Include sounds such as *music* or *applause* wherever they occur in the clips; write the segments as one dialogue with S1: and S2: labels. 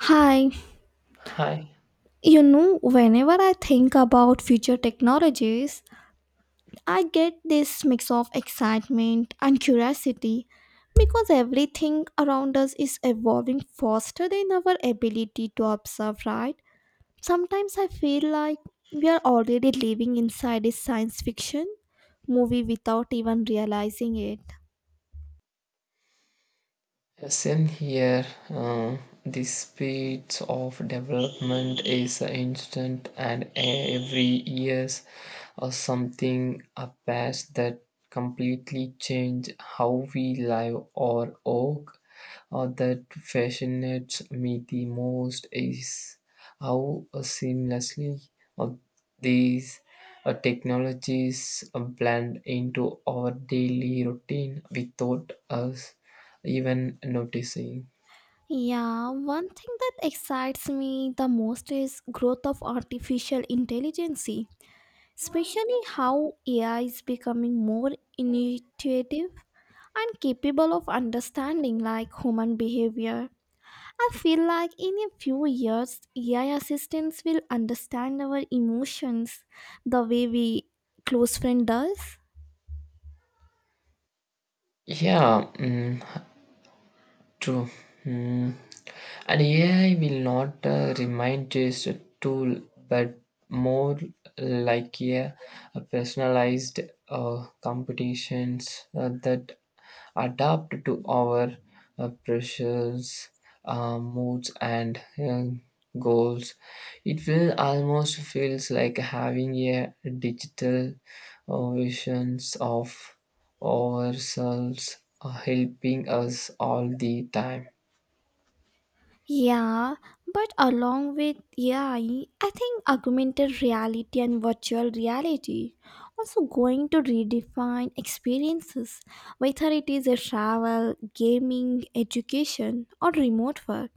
S1: Hi,
S2: Hi,
S1: you know, whenever I think about future technologies, I get this mix of excitement and curiosity because everything around us is evolving faster than our ability to observe, right? Sometimes I feel like we are already living inside a science fiction movie without even realizing it.
S2: same here. The speed of development is instant, and every years or something appears that completely change how we live or work. Or that fascinates me the most is how seamlessly uh, these technologies blend into our daily routine without us even noticing.
S1: Yeah, one thing that excites me the most is growth of artificial intelligence, especially how AI is becoming more intuitive and capable of understanding like human behavior. I feel like in a few years, AI assistants will understand our emotions the way we close friend does.
S2: Yeah, mm, true. Mm. And AI will not remind just a tool, but more like a personalized competitions that adapt to our pressures, moods, and goals. It will almost feels like having a digital visions of ourselves are helping us all the time.
S1: Yeah, but along with AI, I think augmented reality and virtual reality also going to redefine experiences, whether it is a travel, gaming, education, or remote work.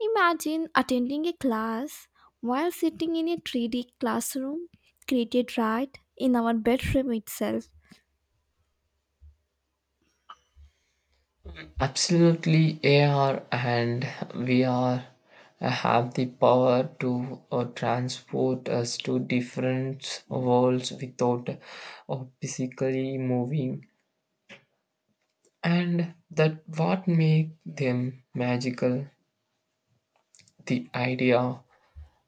S1: Imagine attending a class while sitting in a 3D classroom created right in our bedroom itself.
S2: Absolutely, AR and VR have the power to transport us to different worlds without physically moving, and that what make them magical. The idea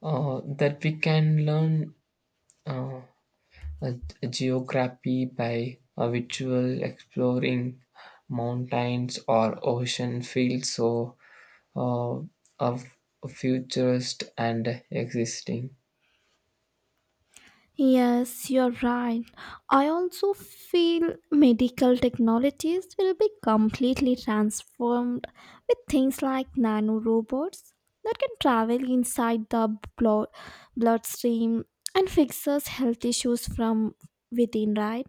S2: that we can learn uh, uh, geography by a visual exploring mountains or ocean feels so uh, of futurist and existing.
S1: Yes, you're right. I also feel medical technologies will be completely transformed with things like nanorobots that can travel inside the bloodstream and fixes health issues from within, right?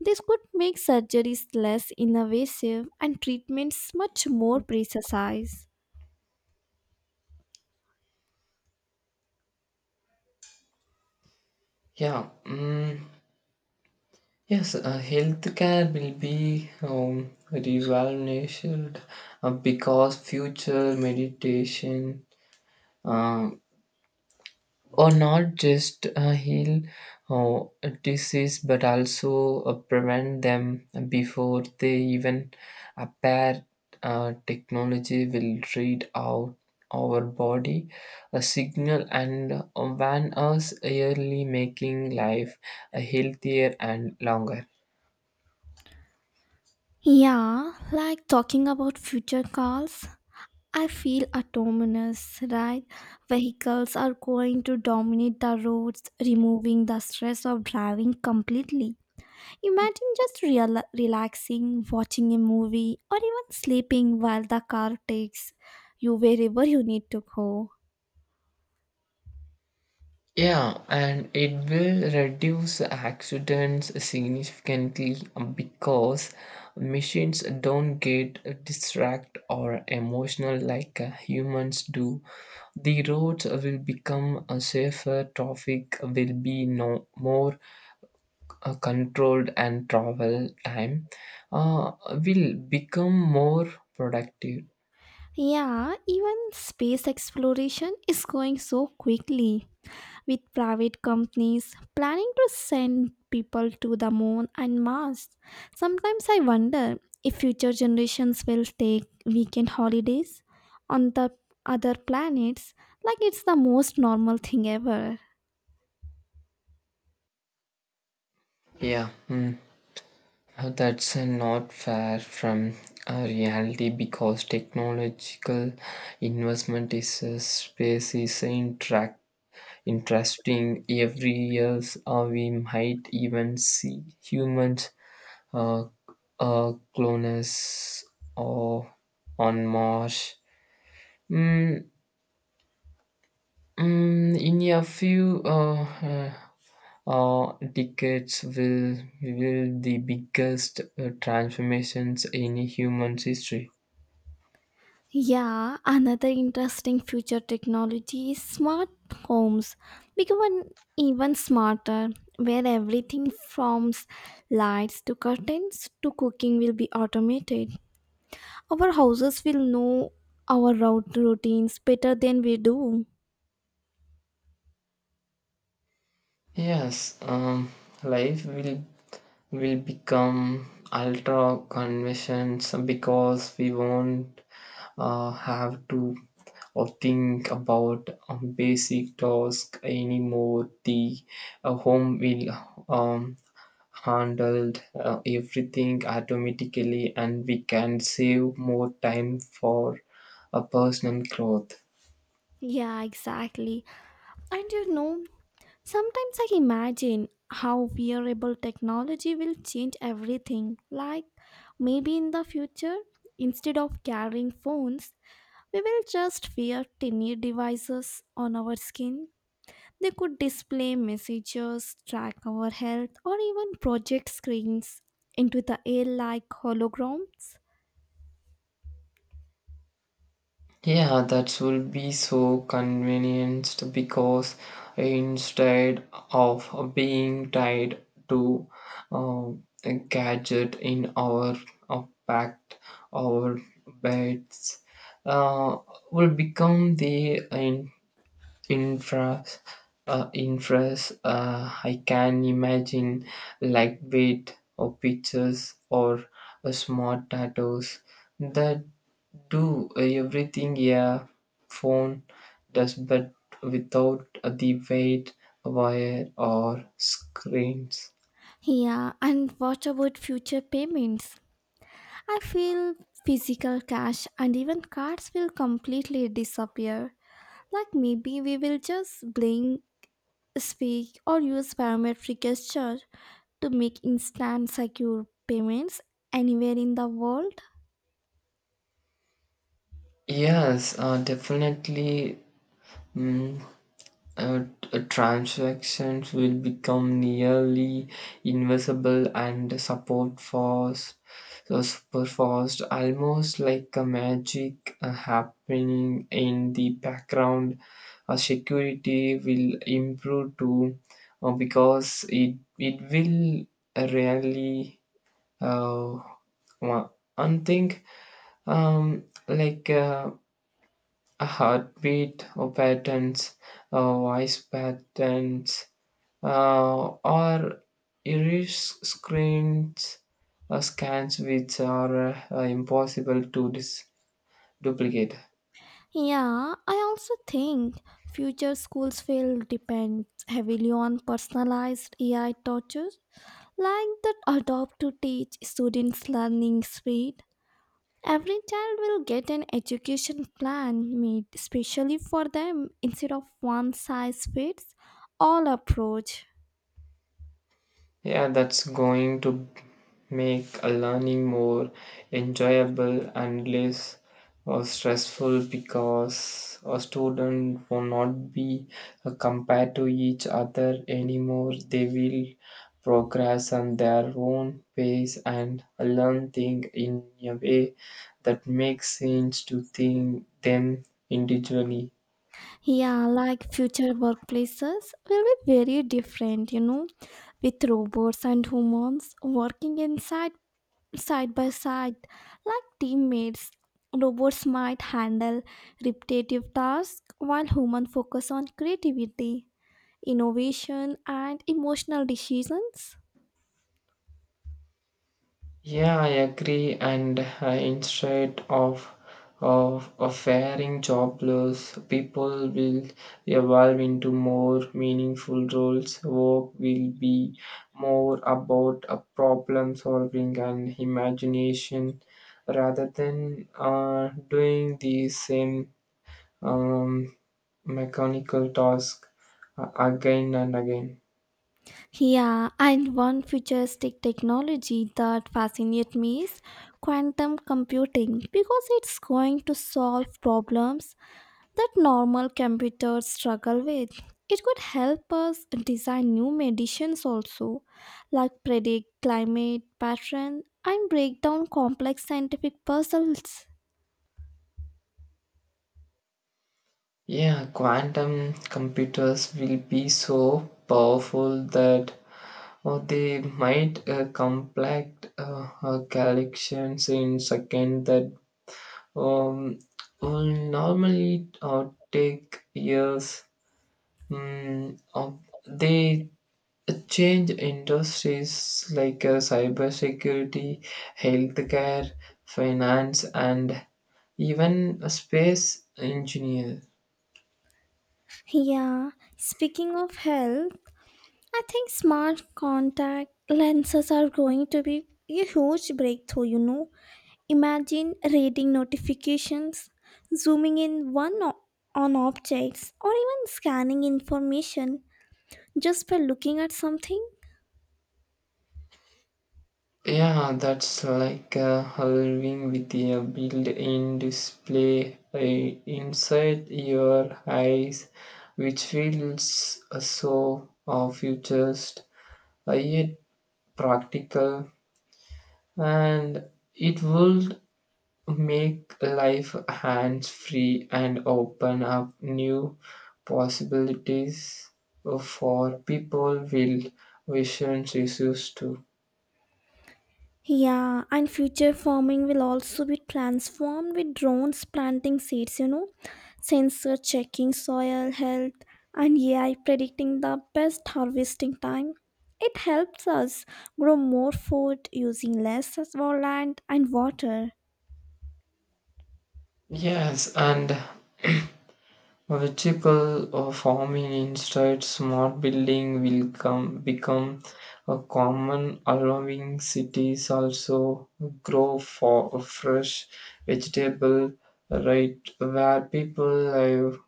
S1: This could make surgeries less invasive and treatments much more precise.
S2: Yeah, mm, yes. Healthcare will be revolutionized because future meditation. Uh, or not just heal uh, disease but also prevent them before they even appear. Technology will read out our body a signal and warn us early, making life healthier and longer.
S1: Yeah, like talking about future calls, I feel autonomous, right? Vehicles are going to dominate the roads, removing the stress of driving completely. Imagine just relaxing, watching a movie, or even sleeping while the car takes you wherever you need to go.
S2: Yeah, and it will reduce accidents significantly because machines don't get distracted or emotional like humans do. The roads will become safer, traffic will be no more controlled, and travel time uh, will become more productive.
S1: Yeah, even space exploration is going so quickly, with private companies planning to send people to the moon and Mars. Sometimes I wonder if future generations will take weekend holidays on the other planets like it's the most normal thing ever.
S2: Yeah, mm. That's not far from reality because technological investment is a space is interact interesting every years or we might even see humans uh, clones or on Mars. Mm, in a few uh, decades will the biggest transformations in human history.
S1: Yeah, another interesting future technology is smart homes becoming even smarter, where everything from lights to curtains to cooking will be automated. Our houses will know our route routines better than we do.
S2: Yes, life will become ultra conventions because we won't have to or think about basic tasks anymore. The home will um, handled everything automatically, and we can save more time for a personal growth.
S1: Yeah, exactly. And you know, sometimes I imagine how wearable technology will change everything. Like maybe in the future, instead of carrying phones, we will just wear tiny devices on our skin. They could display messages, track our health, or even project screens into the air like holograms.
S2: Yeah, that will be so convenienced because instead of being tied to uh, a gadget in our packed our beds, uh, will become the in France, in France, I can imagine lightweight or pictures or smart tattoos that do everything a phone does, but without the weight, wire, or screens.
S1: Yeah, and what about future payments? I feel physical cash and even cards will completely disappear. Like maybe we will just blink, speak, or use parametric gesture to make instant secure payments anywhere in the world.
S2: Yes, definitely. mm, uh, Transactions will become nearly invisible and support fast so super fast, almost like a magic happening in the background. Security will improve too because it will really uh, one one thing, like a heartbeat patterns, voice patterns, or iris screens scans, which are impossible to duplicate.
S1: Yeah, I also think future schools will depend heavily on personalized AI tutors, like that adopt to teach students learning speed. Every child will get an education plan made specially for them instead of one size fits all approach.
S2: Yeah, that's going to make a learning more enjoyable and less stressful because a student will not be compared to each other anymore. They will progress on their own pace and learn things in a way that makes sense to think them individually.
S1: Yeah, like future workplaces will be very different, you know, with robots and humans working inside side by side like teammates. Robots might handle repetitive tasks while humans focus on creativity, innovation and emotional decisions.
S2: Yeah, I agree. And instead of of faring jobless, people will evolve into more meaningful roles. Work will be more about a problem solving and imagination rather than doing the same um, mechanical task again and again.
S1: Yeah, and one futuristic technology that fascinates me is quantum computing because it's going to solve problems that normal computers struggle with. It could help us design new medicines also, like predict climate pattern and break down complex scientific puzzles.
S2: Yeah, quantum computers will be so powerful that or they might complete collections in second that um, will normally take years. Of they change industries like cybersecurity, healthcare, finance, and even space engineer.
S1: Yeah, speaking of health, I think smart contact lenses are going to be a huge breakthrough, you know. Imagine reading notifications, zooming in on objects, or even scanning information just by looking at something.
S2: Yeah, that's like a Halloween with a built-in display inside your eyes, which feels so futurist yet practical, and it would make life hands-free and open up new possibilities for people with vision issues too.
S1: Yeah, and future farming will also be transformed with drones planting seeds, you know, sensor checking soil health, and AI predicting the best harvesting time. It helps us grow more food using less of our land and water.
S2: Yes, and *clears throat* vertical farming instead, smart building will come become a common, allowing cities also grow for fresh vegetable right where people live.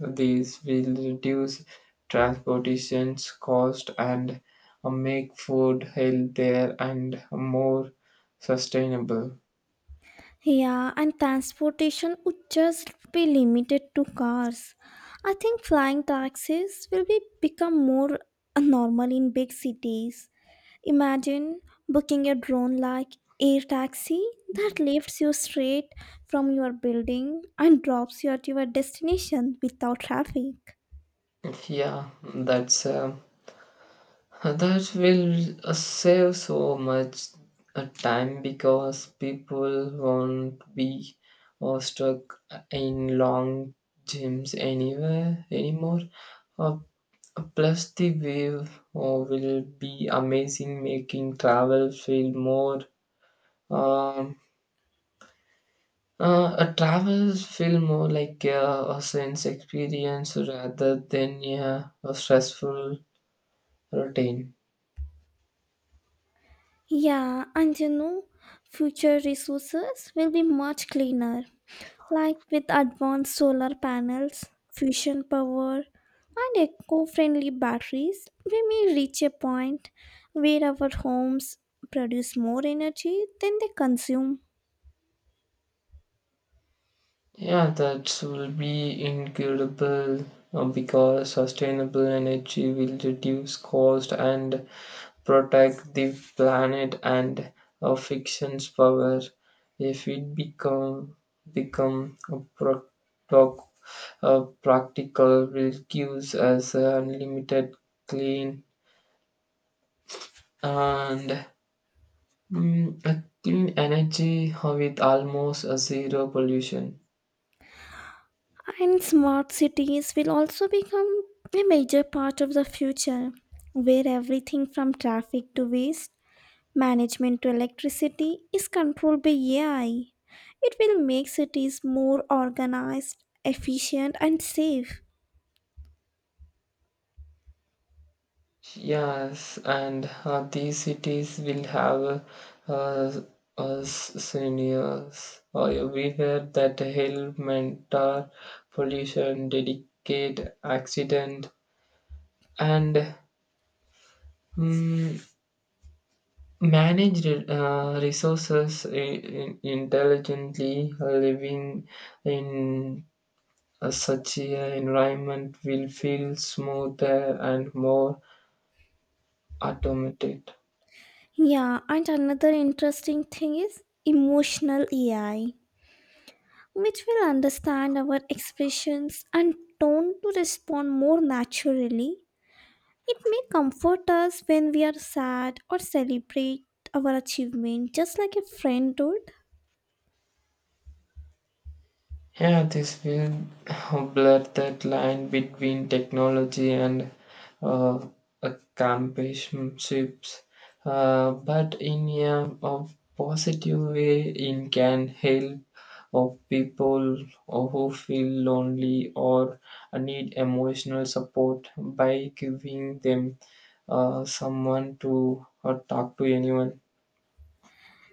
S2: These will reduce transportation cost and make food healthier and more sustainable.
S1: Yeah, and transportation would just be limited to cars. I think flying taxis will be become more normal in big cities. Imagine booking a drone like air taxi that lifts you straight from your building and drops you at your destination without traffic.
S2: Yeah, that's. Um, That will save so much time because people won't be stuck in long gyms anywhere anymore. Uh, Plus, the wave will be amazing, making travel feel Um, more like a sense experience rather than yeah, a stressful routine.
S1: Yeah, and you know, future resources will be much cleaner, like with advanced solar panels, fusion power, and eco friendly batteries, we may reach a point where our homes produce more energy than they consume.
S2: Yeah, that will be incredible because sustainable energy will reduce cost and protect the planet and fiction's power. If it become a proc- uh, practical, will gives us unlimited clean and a clean energy with almost a zero pollution.
S1: And smart cities will also become a major part of the future, where everything from traffic to waste management to electricity is controlled by AI. It will make cities more organized, efficient, and safe.
S2: Yes, and these cities will have uh, seniors everywhere that help mentor pollution, dedicate accident, and mm, manage resources intelligently. Living in such an environment will feel smoother and more automated.
S1: Yeah, and another interesting thing is emotional AI, which will understand our expressions and tone to respond more naturally. It may comfort us when we are sad or celebrate our achievement, just like a friend would.
S2: Yeah, this will *laughs* blur that line between technology and uh, companionships. But in a positive way, it can help of people who feel lonely or need emotional support by giving them someone to talk to anyone.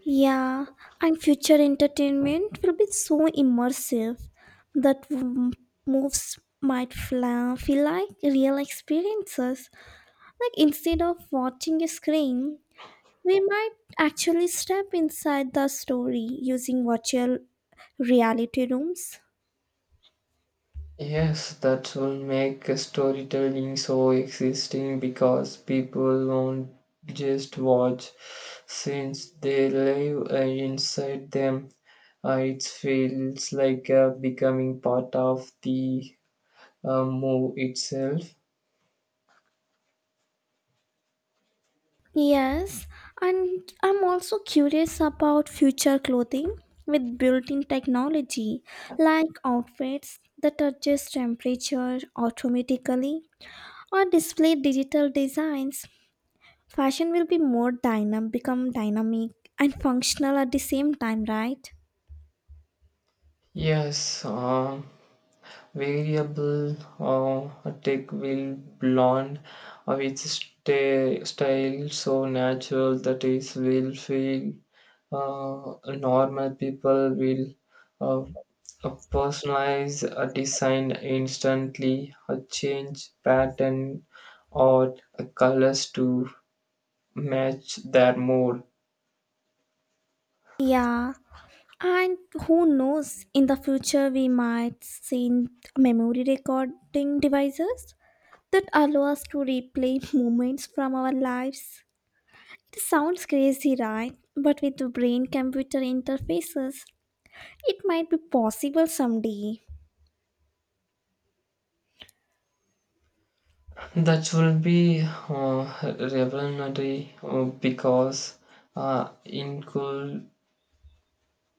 S1: Yeah, and future entertainment will be so immersive that moves might feel like real experiences. Like instead of watching a screen, we might actually step inside the story using virtual reality rooms.
S2: Yes, that will make storytelling so existing because people won't just watch since they live inside them. It feels like becoming part of the move itself.
S1: Yes, and I'm also curious about future clothing with built-in technology like outfits that adjust temperature automatically or display digital designs. Fashion will be more dynamic and functional at the same time, right?
S2: Yes, variable tech will blonde of its style so natural that it will feel normal people will uh, personalize a design instantly, change pattern or colors to match their mood.
S1: Yeah, and who knows, in the future we might see memory recording devices that allow us to replay *laughs* moments from our lives. It sounds crazy, right? But with the brain computer interfaces, it might be possible someday.
S2: That will be revolutionary because it could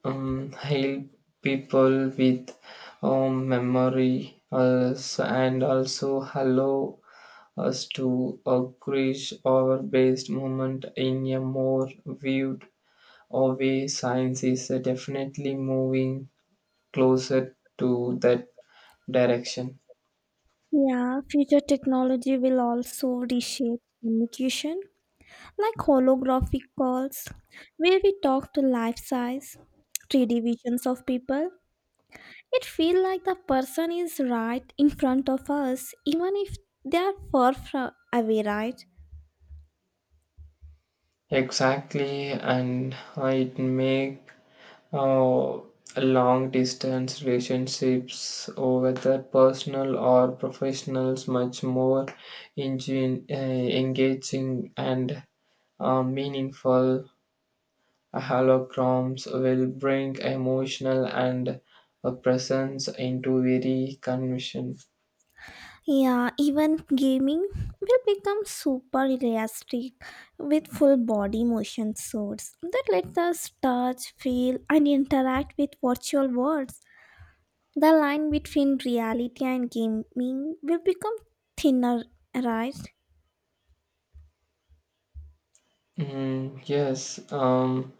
S2: help people with memory also, and also hello us to encourage our based movement in a more viewed or way. Science is definitely moving closer to that direction.
S1: Yeah, future technology will also reshape communication, like holographic calls, where we talk to life size, 3D visions of people. It feels like the person is right in front of us, even if they are far from away, right?
S2: Exactly, and it make uh, long distance relationships, or whether personal or professionals, much more engin- uh, engaging and meaningful. Holograms will bring emotional and a presence into very conviction.
S1: Yeah, even gaming will become super realistic with full body motion suits that let us touch, feel, and interact with virtual worlds. The line between reality and gaming will become thinner, right?
S2: Mm, yes,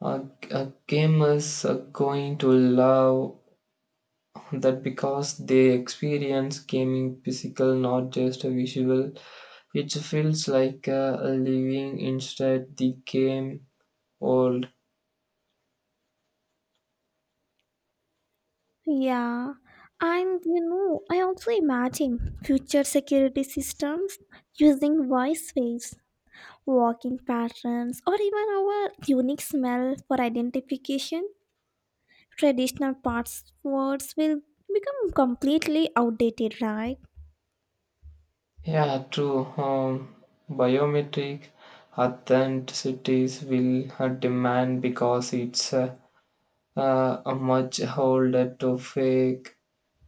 S2: a, a gamers are going to love that because they experience gaming physical, not just a visual. It feels like a living inside the game world.
S1: Yeah, and you know, I also imagine future security systems using voice waves, walking patterns, or even our unique smell for identification. Traditional passwords will become completely outdated, right?
S2: Yeah, true. Biometric authenticities will demand because it's a much harder to fake.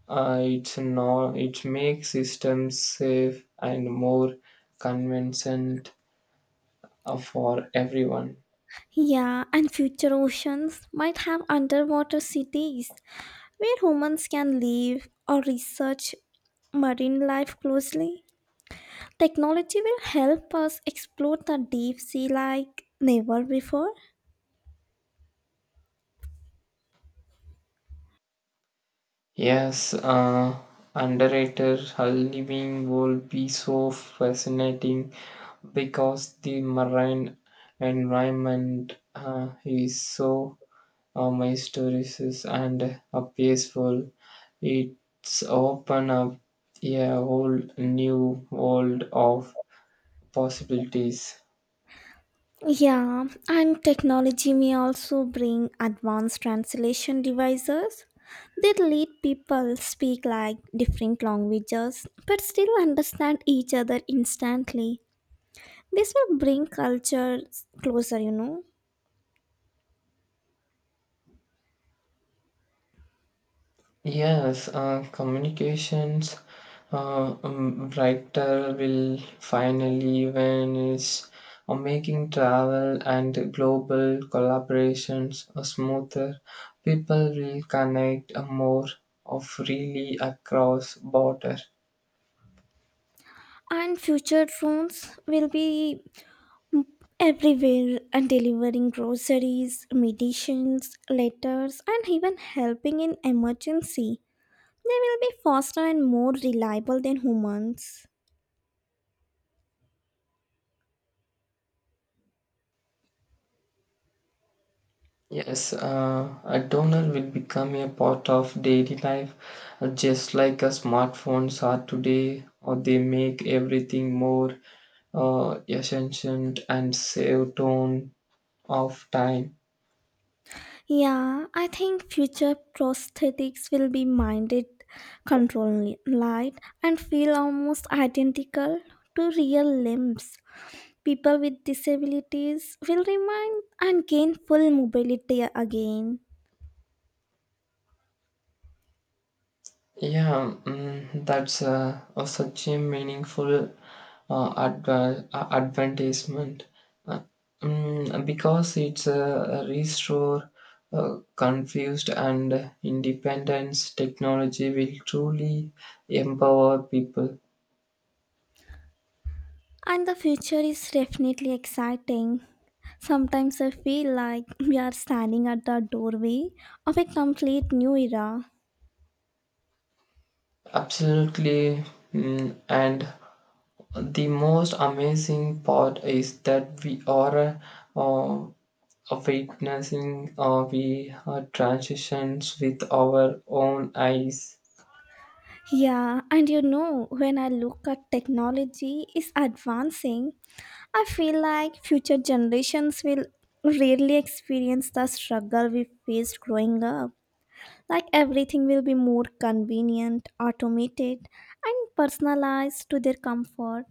S2: It's not. It makes systems safe and more convenient for everyone.
S1: Yeah, and future oceans might have underwater cities where humans can live or research marine life closely. Technology will help us explore the deep sea like never before.
S2: Yes, underrated living will be so fascinating because the marine environment is so my stories and a peaceful. It's open up a whole new world of possibilities.
S1: Yeah, and technology may also bring advanced translation devices that let people speak like different languages but still understand each other instantly. This will bring cultures closer, you know.
S2: Yes, communications writer will finally when it's making travel and global collaborations smoother. People will connect more of freely across border.
S1: And future phones will be everywhere and delivering groceries, medicines, letters, and even helping in emergency. They will be faster and more reliable than humans.
S2: Yes, a donor will become a part of daily life, just like a smartphones are today, or they make everything more efficient and save ton of time.
S1: Yeah, I think future prosthetics will be minded control light and feel almost identical to real limbs. People with disabilities will remain and gain full mobility again.
S2: Yeah, that's a such a meaningful advertisement uh, because it's a restore confused and independence. Technology will truly empower people.
S1: And the future is definitely exciting. Sometimes I feel like we are standing at the doorway of a complete new era.
S2: Absolutely, and the most amazing part is that we are uh, of witnessing we transitions with our own eyes.
S1: Yeah, and you know, when I look at technology is advancing, I feel like future generations will rarely experience the struggle we faced growing up. Like everything will be more convenient, automated, and personalized to their comfort.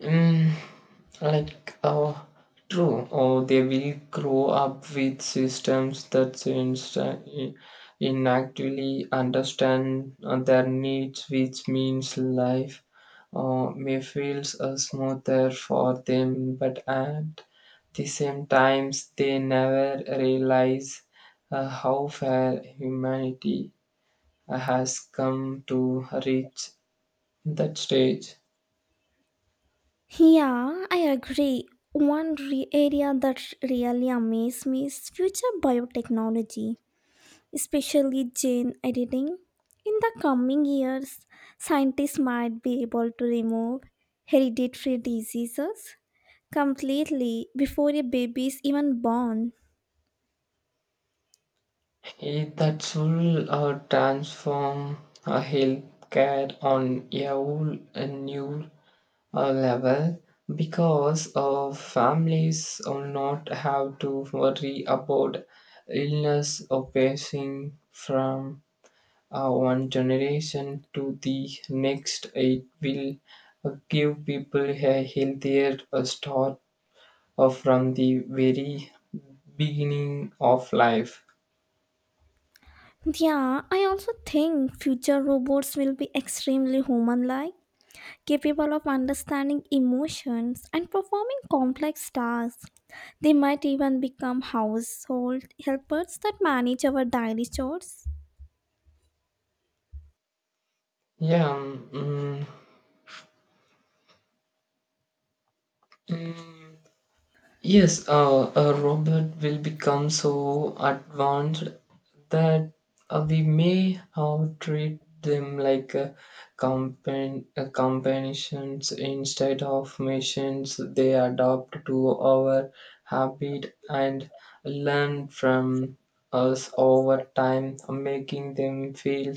S2: Mm, like, uh, True, or they will grow up with systems that seems to inactively understand their needs, which means life may feels smoother for them, but at the same times they never realize how far humanity has come to reach that stage.
S1: Yeah, I agree. One area that really amazes me is future biotechnology, especially gene editing. In the coming years, scientists might be able to remove hereditary diseases completely before a baby is even born.
S2: Eh, that will transform healthcare on a whole a new level because families will not have to worry about illness or passing from one generation to the next. It will give people a healthier start from the very beginning of life.
S1: Yeah, I also think future robots will be extremely human like, capable of understanding emotions and performing complex tasks. They might even become household helpers that manage our daily chores.
S2: Yeah, um, mm, mm, Yes, a robot will become so advanced that we may treat them like a companions instead of machines. They adapt to our habit and learn from us over time, making them feel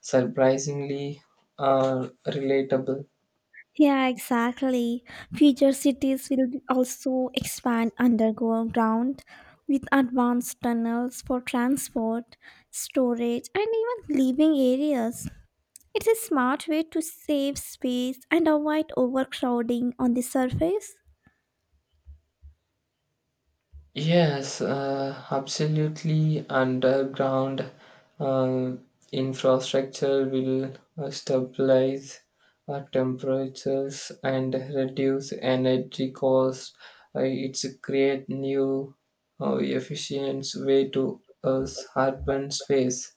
S2: surprisingly relatable.
S1: Yeah, exactly. Future cities will also expand underground with advanced tunnels for transport, storage, and even living areas. It's a smart way to save space and avoid overcrowding on the surface.
S2: Yes, absolutely. Underground uh, infrastructure will stabilize temperatures and reduce energy costs. It's a create new efficient way to urban space.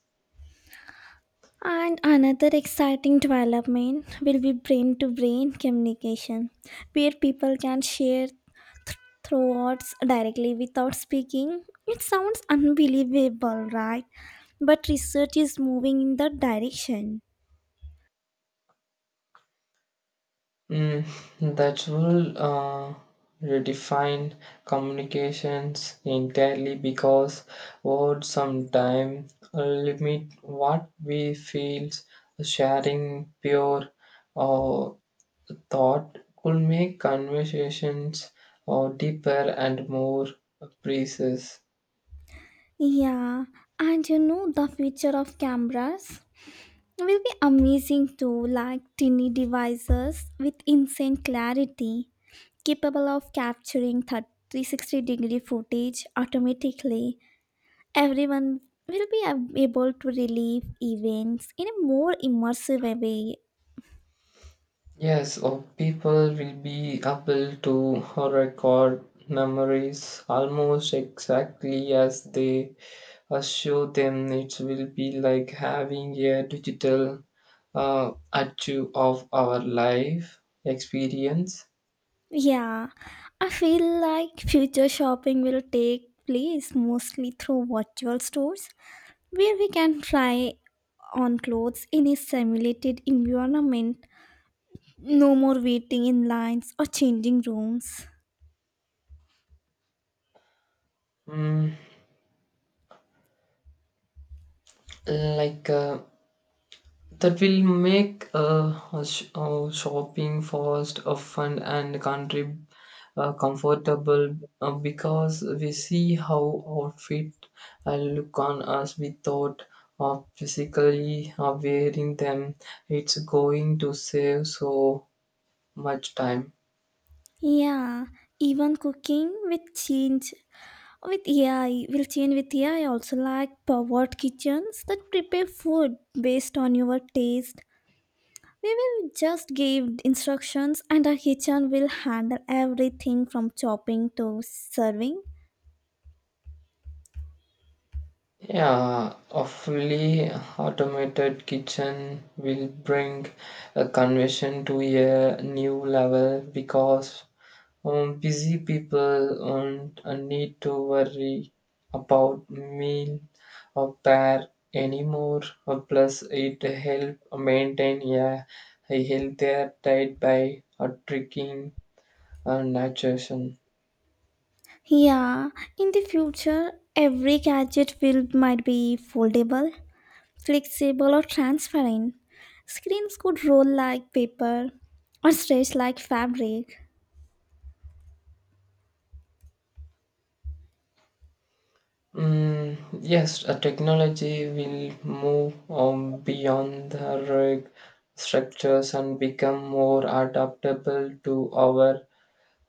S1: And another exciting development will be brain to brain communication, where people can share thoughts directly without speaking. It sounds unbelievable, right? But research is moving in that direction.
S2: Mm, that will redefine communications entirely because words sometimes limit what we feel. Sharing pure uh, thought could make conversations deeper and more precise.
S1: Yeah, and you know, the future of cameras will be amazing too, like tiny devices with insane clarity, capable of capturing 360-degree footage automatically. Everyone will be able to relive events in a more immersive way.
S2: Yes, or people will be able to record memories almost exactly as they assure them. It will be like having a digital archive of our life experience.
S1: Yeah, I feel like future shopping will take place mostly through virtual stores where we can try on clothes in a simulated environment. No more waiting in lines or changing rooms.
S2: Mm, like uh, that will make shopping fast, fun, and country comfortable because we see how outfit look on us without physically wearing them. It's going to save so much time.
S1: Yeah, even cooking will change. With AI also like powered kitchens that prepare food based on your taste. We will just give instructions and our kitchen will handle everything from chopping to serving.
S2: Yeah, a fully automated kitchen will bring a conversion to a new level because busy people won't need to worry about meal or pair anymore. Plus, it help maintain a healthier diet by tricking nutrition.
S1: Yeah, in the future, every gadget will might be foldable, flexible or transparent. Screens could roll like paper or stretch like fabric.
S2: Mm, yes, a technology will move beyond the rig structures and become more adaptable to our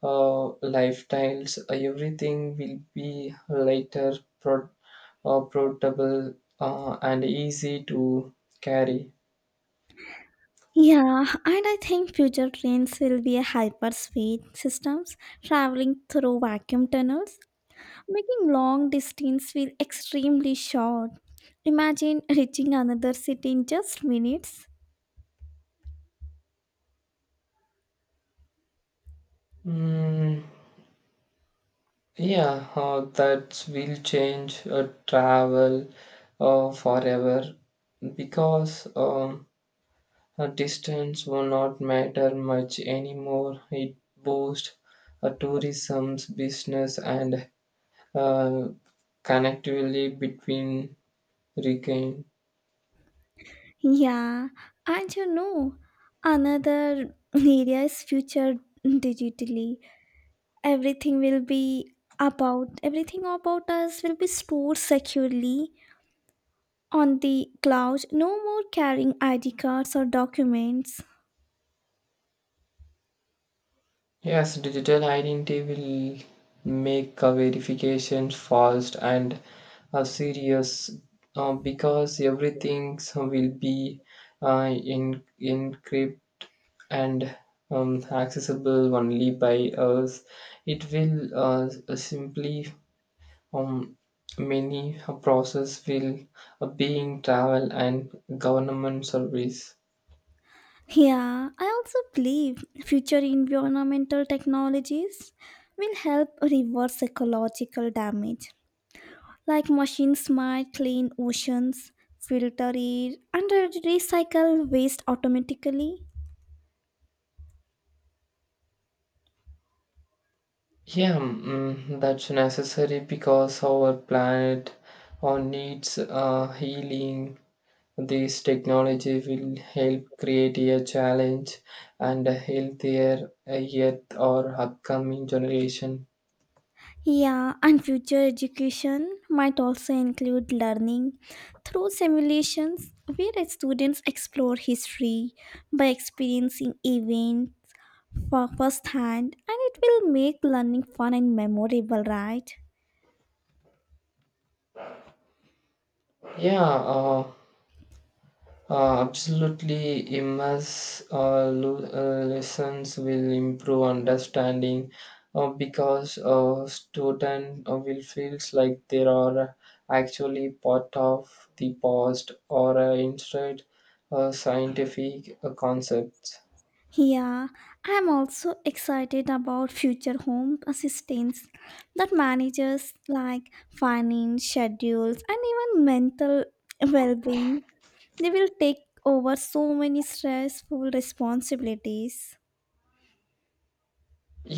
S2: lifestyles. Everything will be lighter, pro- portable, and easy to carry.
S1: Yeah, and I think future trains will be a hyperspeed systems traveling through vacuum tunnels, making long distance feel extremely short. Imagine reaching another city in just minutes.
S2: Mm, yeah, that will change travel forever because a distance will not matter much anymore. It boosts a tourism, business, and uh, connectivity between region.
S1: Yeah, and you know, another area is future digitally. Everything will be about everything about us will be stored securely on the cloud. No more carrying ID cards or documents.
S2: Yes, digital identity will make a verification fast and serious because everything will be in encrypted and accessible only by us. It will simply um, many process will being travel and government service.
S1: Yeah, I also believe future environmental technologies will help reverse ecological damage, like machines might clean oceans, filter air, and recycle waste automatically.
S2: Yeah, mm, that's necessary because our planet needs healing. This technology will help create a challenge and a healthier yet our upcoming generation.
S1: Yeah, and future education might also include learning through simulations where students explore history by experiencing events for firsthand, and it will make learning fun and memorable, right?
S2: Yeah, uh, absolutely, immerse lessons will improve understanding because a student will feels like they are actually part of the past or instead scientific concepts.
S1: Yeah, I'm also excited about future home assistants that manages like finance, schedules, and even mental well-being. They will take over so many stressful responsibilities.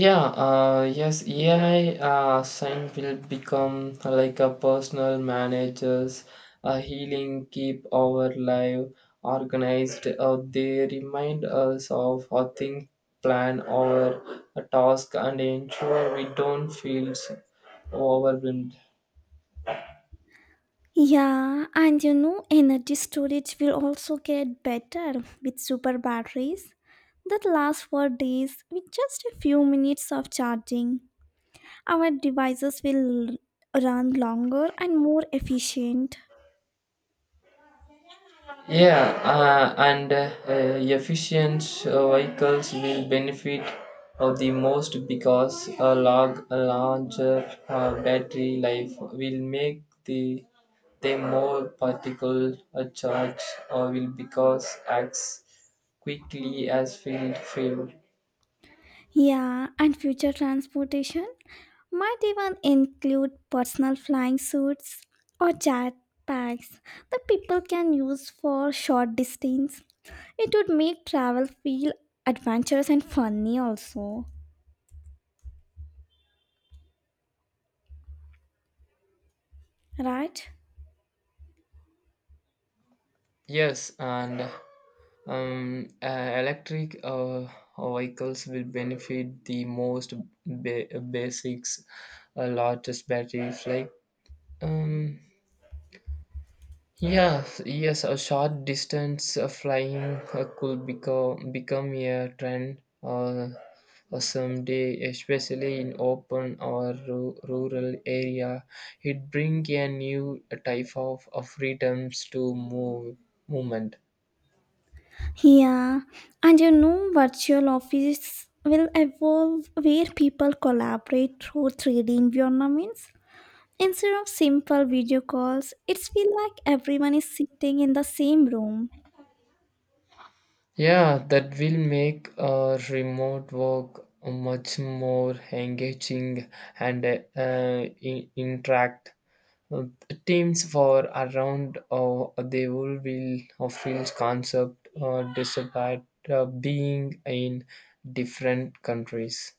S2: Yeah, yes, AI sign will become like a personal managers, a healing keep our life organized. They remind us of our think, plan, our task, and ensure we don't feel overwhelmed.
S1: Yeah, and you know, energy storage will also get better with super batteries that last for days with just a few minutes of charging. Our devices will run longer and more efficient.
S2: Yeah, and efficient vehicles will benefit the most because a larger battery life will make the them more particle charge or will because acts quickly as field fuel.
S1: Yeah, and future transportation might even include personal flying suits or jet packs that people can use for short distance. It would make travel feel adventurous and funny also, right?
S2: Yes, and um, uh, electric vehicles will benefit the most basics, largest batteries like. Um, yes, yes, a short distance flying could become a trend someday, especially in open or rural area. It bring a new type of freedoms to move movement.
S1: Yeah, and you know, virtual office will evolve where people collaborate through 3D environments. Instead of simple video calls, it's feel like everyone is sitting in the same room.
S2: Yeah, that will make remote work much more engaging and interact. Uh, teams for around they will be of fields concept despite being in different countries.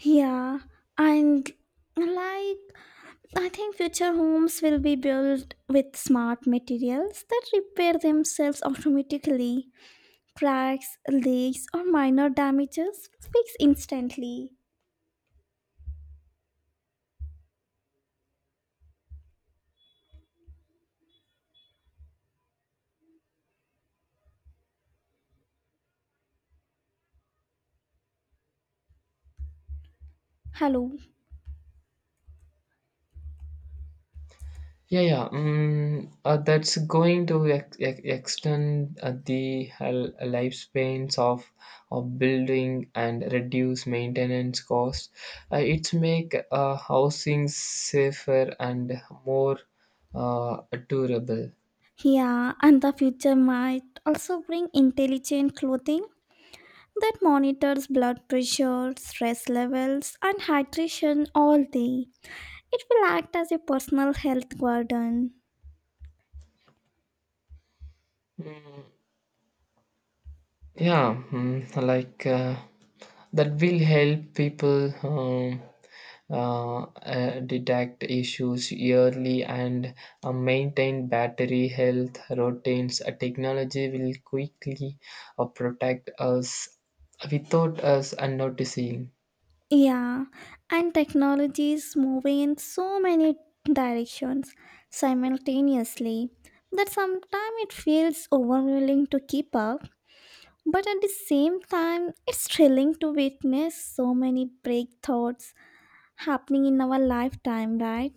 S1: Yeah, and like I think future homes will be built with smart materials that repair themselves automatically. Cracks, leaks, or minor damages fix instantly. Hello.
S2: Yeah, yeah, mm, that's going to extend the lifespans of building and reduce maintenance costs. It's make housing safer and more uh, durable.
S1: Yeah, and the future might also bring intelligent clothing that monitors blood pressure, stress levels, and hydration all day. It will act as a personal health garden.
S2: Mm, yeah, mm, that will help people detect issues early and maintain battery health routines. A technology will quickly protect us without us noticing.
S1: Yeah, and technology is moving in so many directions simultaneously that sometimes it feels overwhelming to keep up, but at the same time, it's thrilling to witness so many breakthroughs happening in our lifetime, right?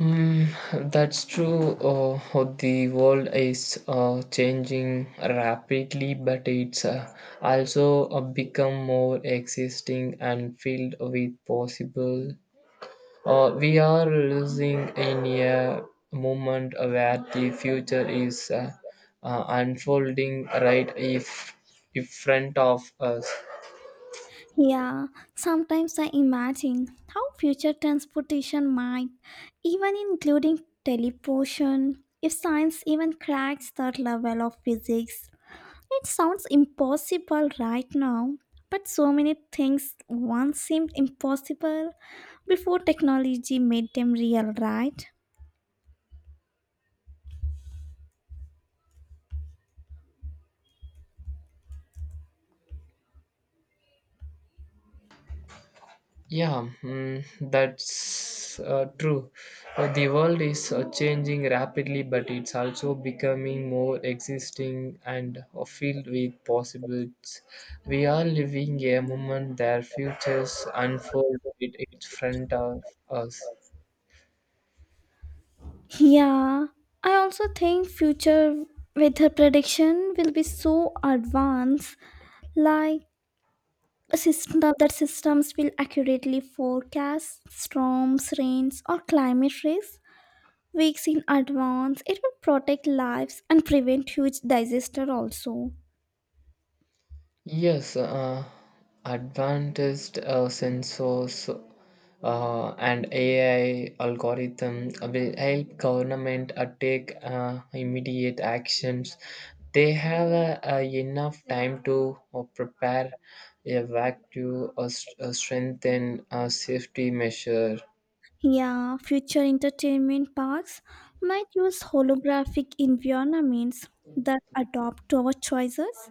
S2: Mm, that's true. The world is changing rapidly, but it's also become more existing and filled with possible. We are losing in a moment where the future is unfolding right if in front of us.
S1: Yeah, sometimes I imagine how future transportation might, even including teleportation, if science even cracks that level of physics. It sounds impossible right now, but so many things once seemed impossible before technology made them real, right?
S2: Yeah, mm, that's true. The world is changing rapidly, but it's also becoming more existing and filled with possibilities. We are living a moment that futures unfold it in front of us.
S1: Yeah, I also think future weather prediction will be so advanced, like a system that systems will accurately forecast storms, rains, or climate risks weeks in advance. It will protect lives and prevent huge disaster also.
S2: Yes, advanced sensors and AI algorithm will help government take immediate action. They have a enough time to prepare a vacuum or, or strengthen a safety measure.
S1: Yeah, future entertainment parks might use holographic environments that adapt to our choices.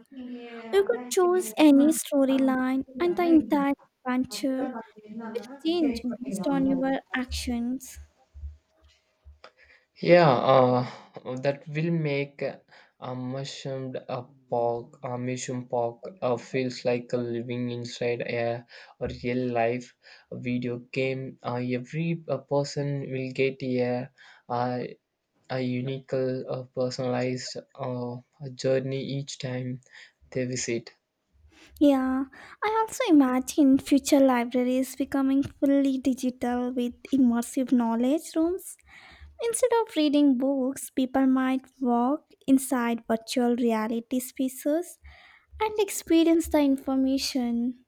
S1: You could choose any storyline and the entire adventure will change based on your actions.
S2: Yeah, that will make a mushroom pork feels like a living inside a real life video game. Every person will get a, a unique, personalized journey each time they visit.
S1: Yeah, I also imagine future libraries becoming fully digital with immersive knowledge rooms. Instead of reading books, people might walk inside virtual reality spaces and experience the information.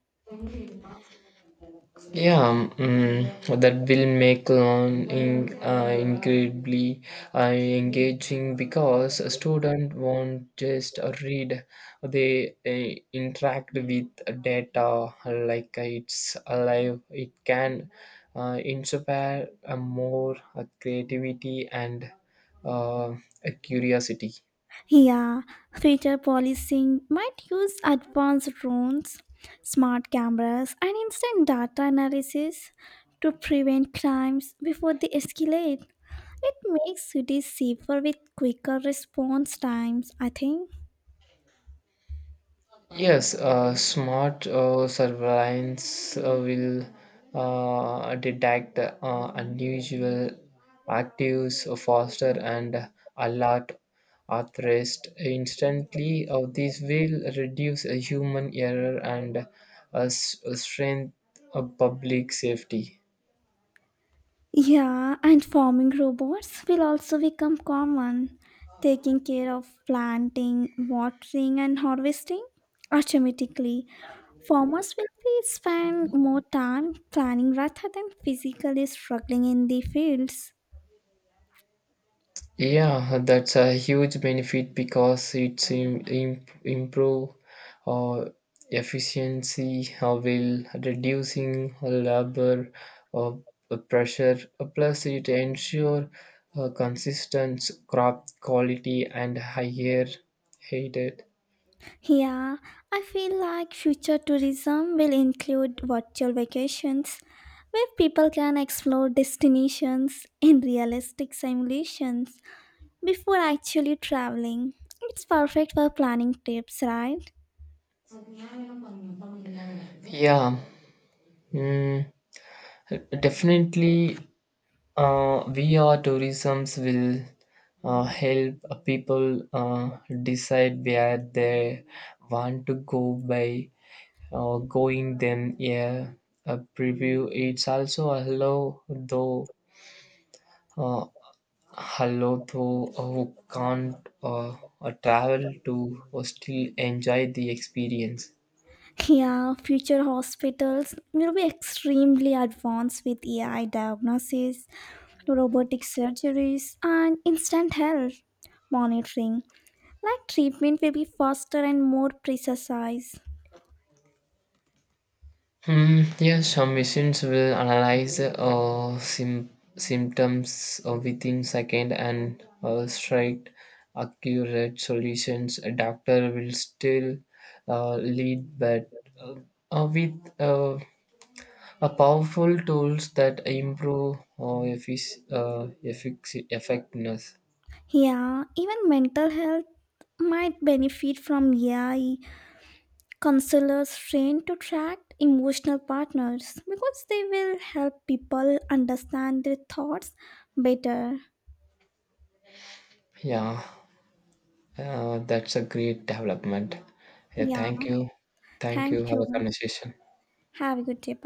S2: Yeah, mm, that will make learning incredibly engaging because a student won't just read; they interact with data like it's alive. It can inspire a more creativity and uh, a curiosity.
S1: Yeah, future policing might use advanced drones, smart cameras, and instant data analysis to prevent crimes before they escalate. It makes cities safer with quicker response times, I think.
S2: Yes, smart surveillance will detect unusual actives faster and alert authorized instantly. This will reduce human error and strengthen public safety.
S1: Yeah, and farming robots will also become common, taking care of planting, watering, and harvesting. Automatically, farmers will be spend more time planning rather than physically struggling in the fields.
S2: Yeah, that's a huge benefit because it's improve uh, efficiency while reducing labor uh, pressure. Plus, it ensure consistent crop quality and higher heated.
S1: Yeah, I feel like future tourism will include virtual vacations where people can explore destinations in realistic simulations before actually traveling. It's perfect for planning trips, right?
S2: Yeah, mm, definitely. VR tourisms will help people decide where they want to go by going them, yeah, a preview. It's also uh, allow though who can't travel to still enjoy the experience.
S1: Yeah, future hospitals will be extremely advanced with AI diagnosis, robotic surgeries, and instant health monitoring. Like treatment will be faster and more precise.
S2: Hmm, yes, some machines will analyze symptoms within second and strike accurate solutions. A doctor will still lead, but uh, with a powerful tools that improve effectiveness.
S1: Yeah, even mental health might benefit from AI counselors trained to track emotional partners because they will help people understand their thoughts better.
S2: Yeah, that's a great development. Yeah,
S1: Yeah,
S2: thank you, thank
S1: thank
S2: you. Have a
S1: you.
S2: conversation.
S1: Have a good day.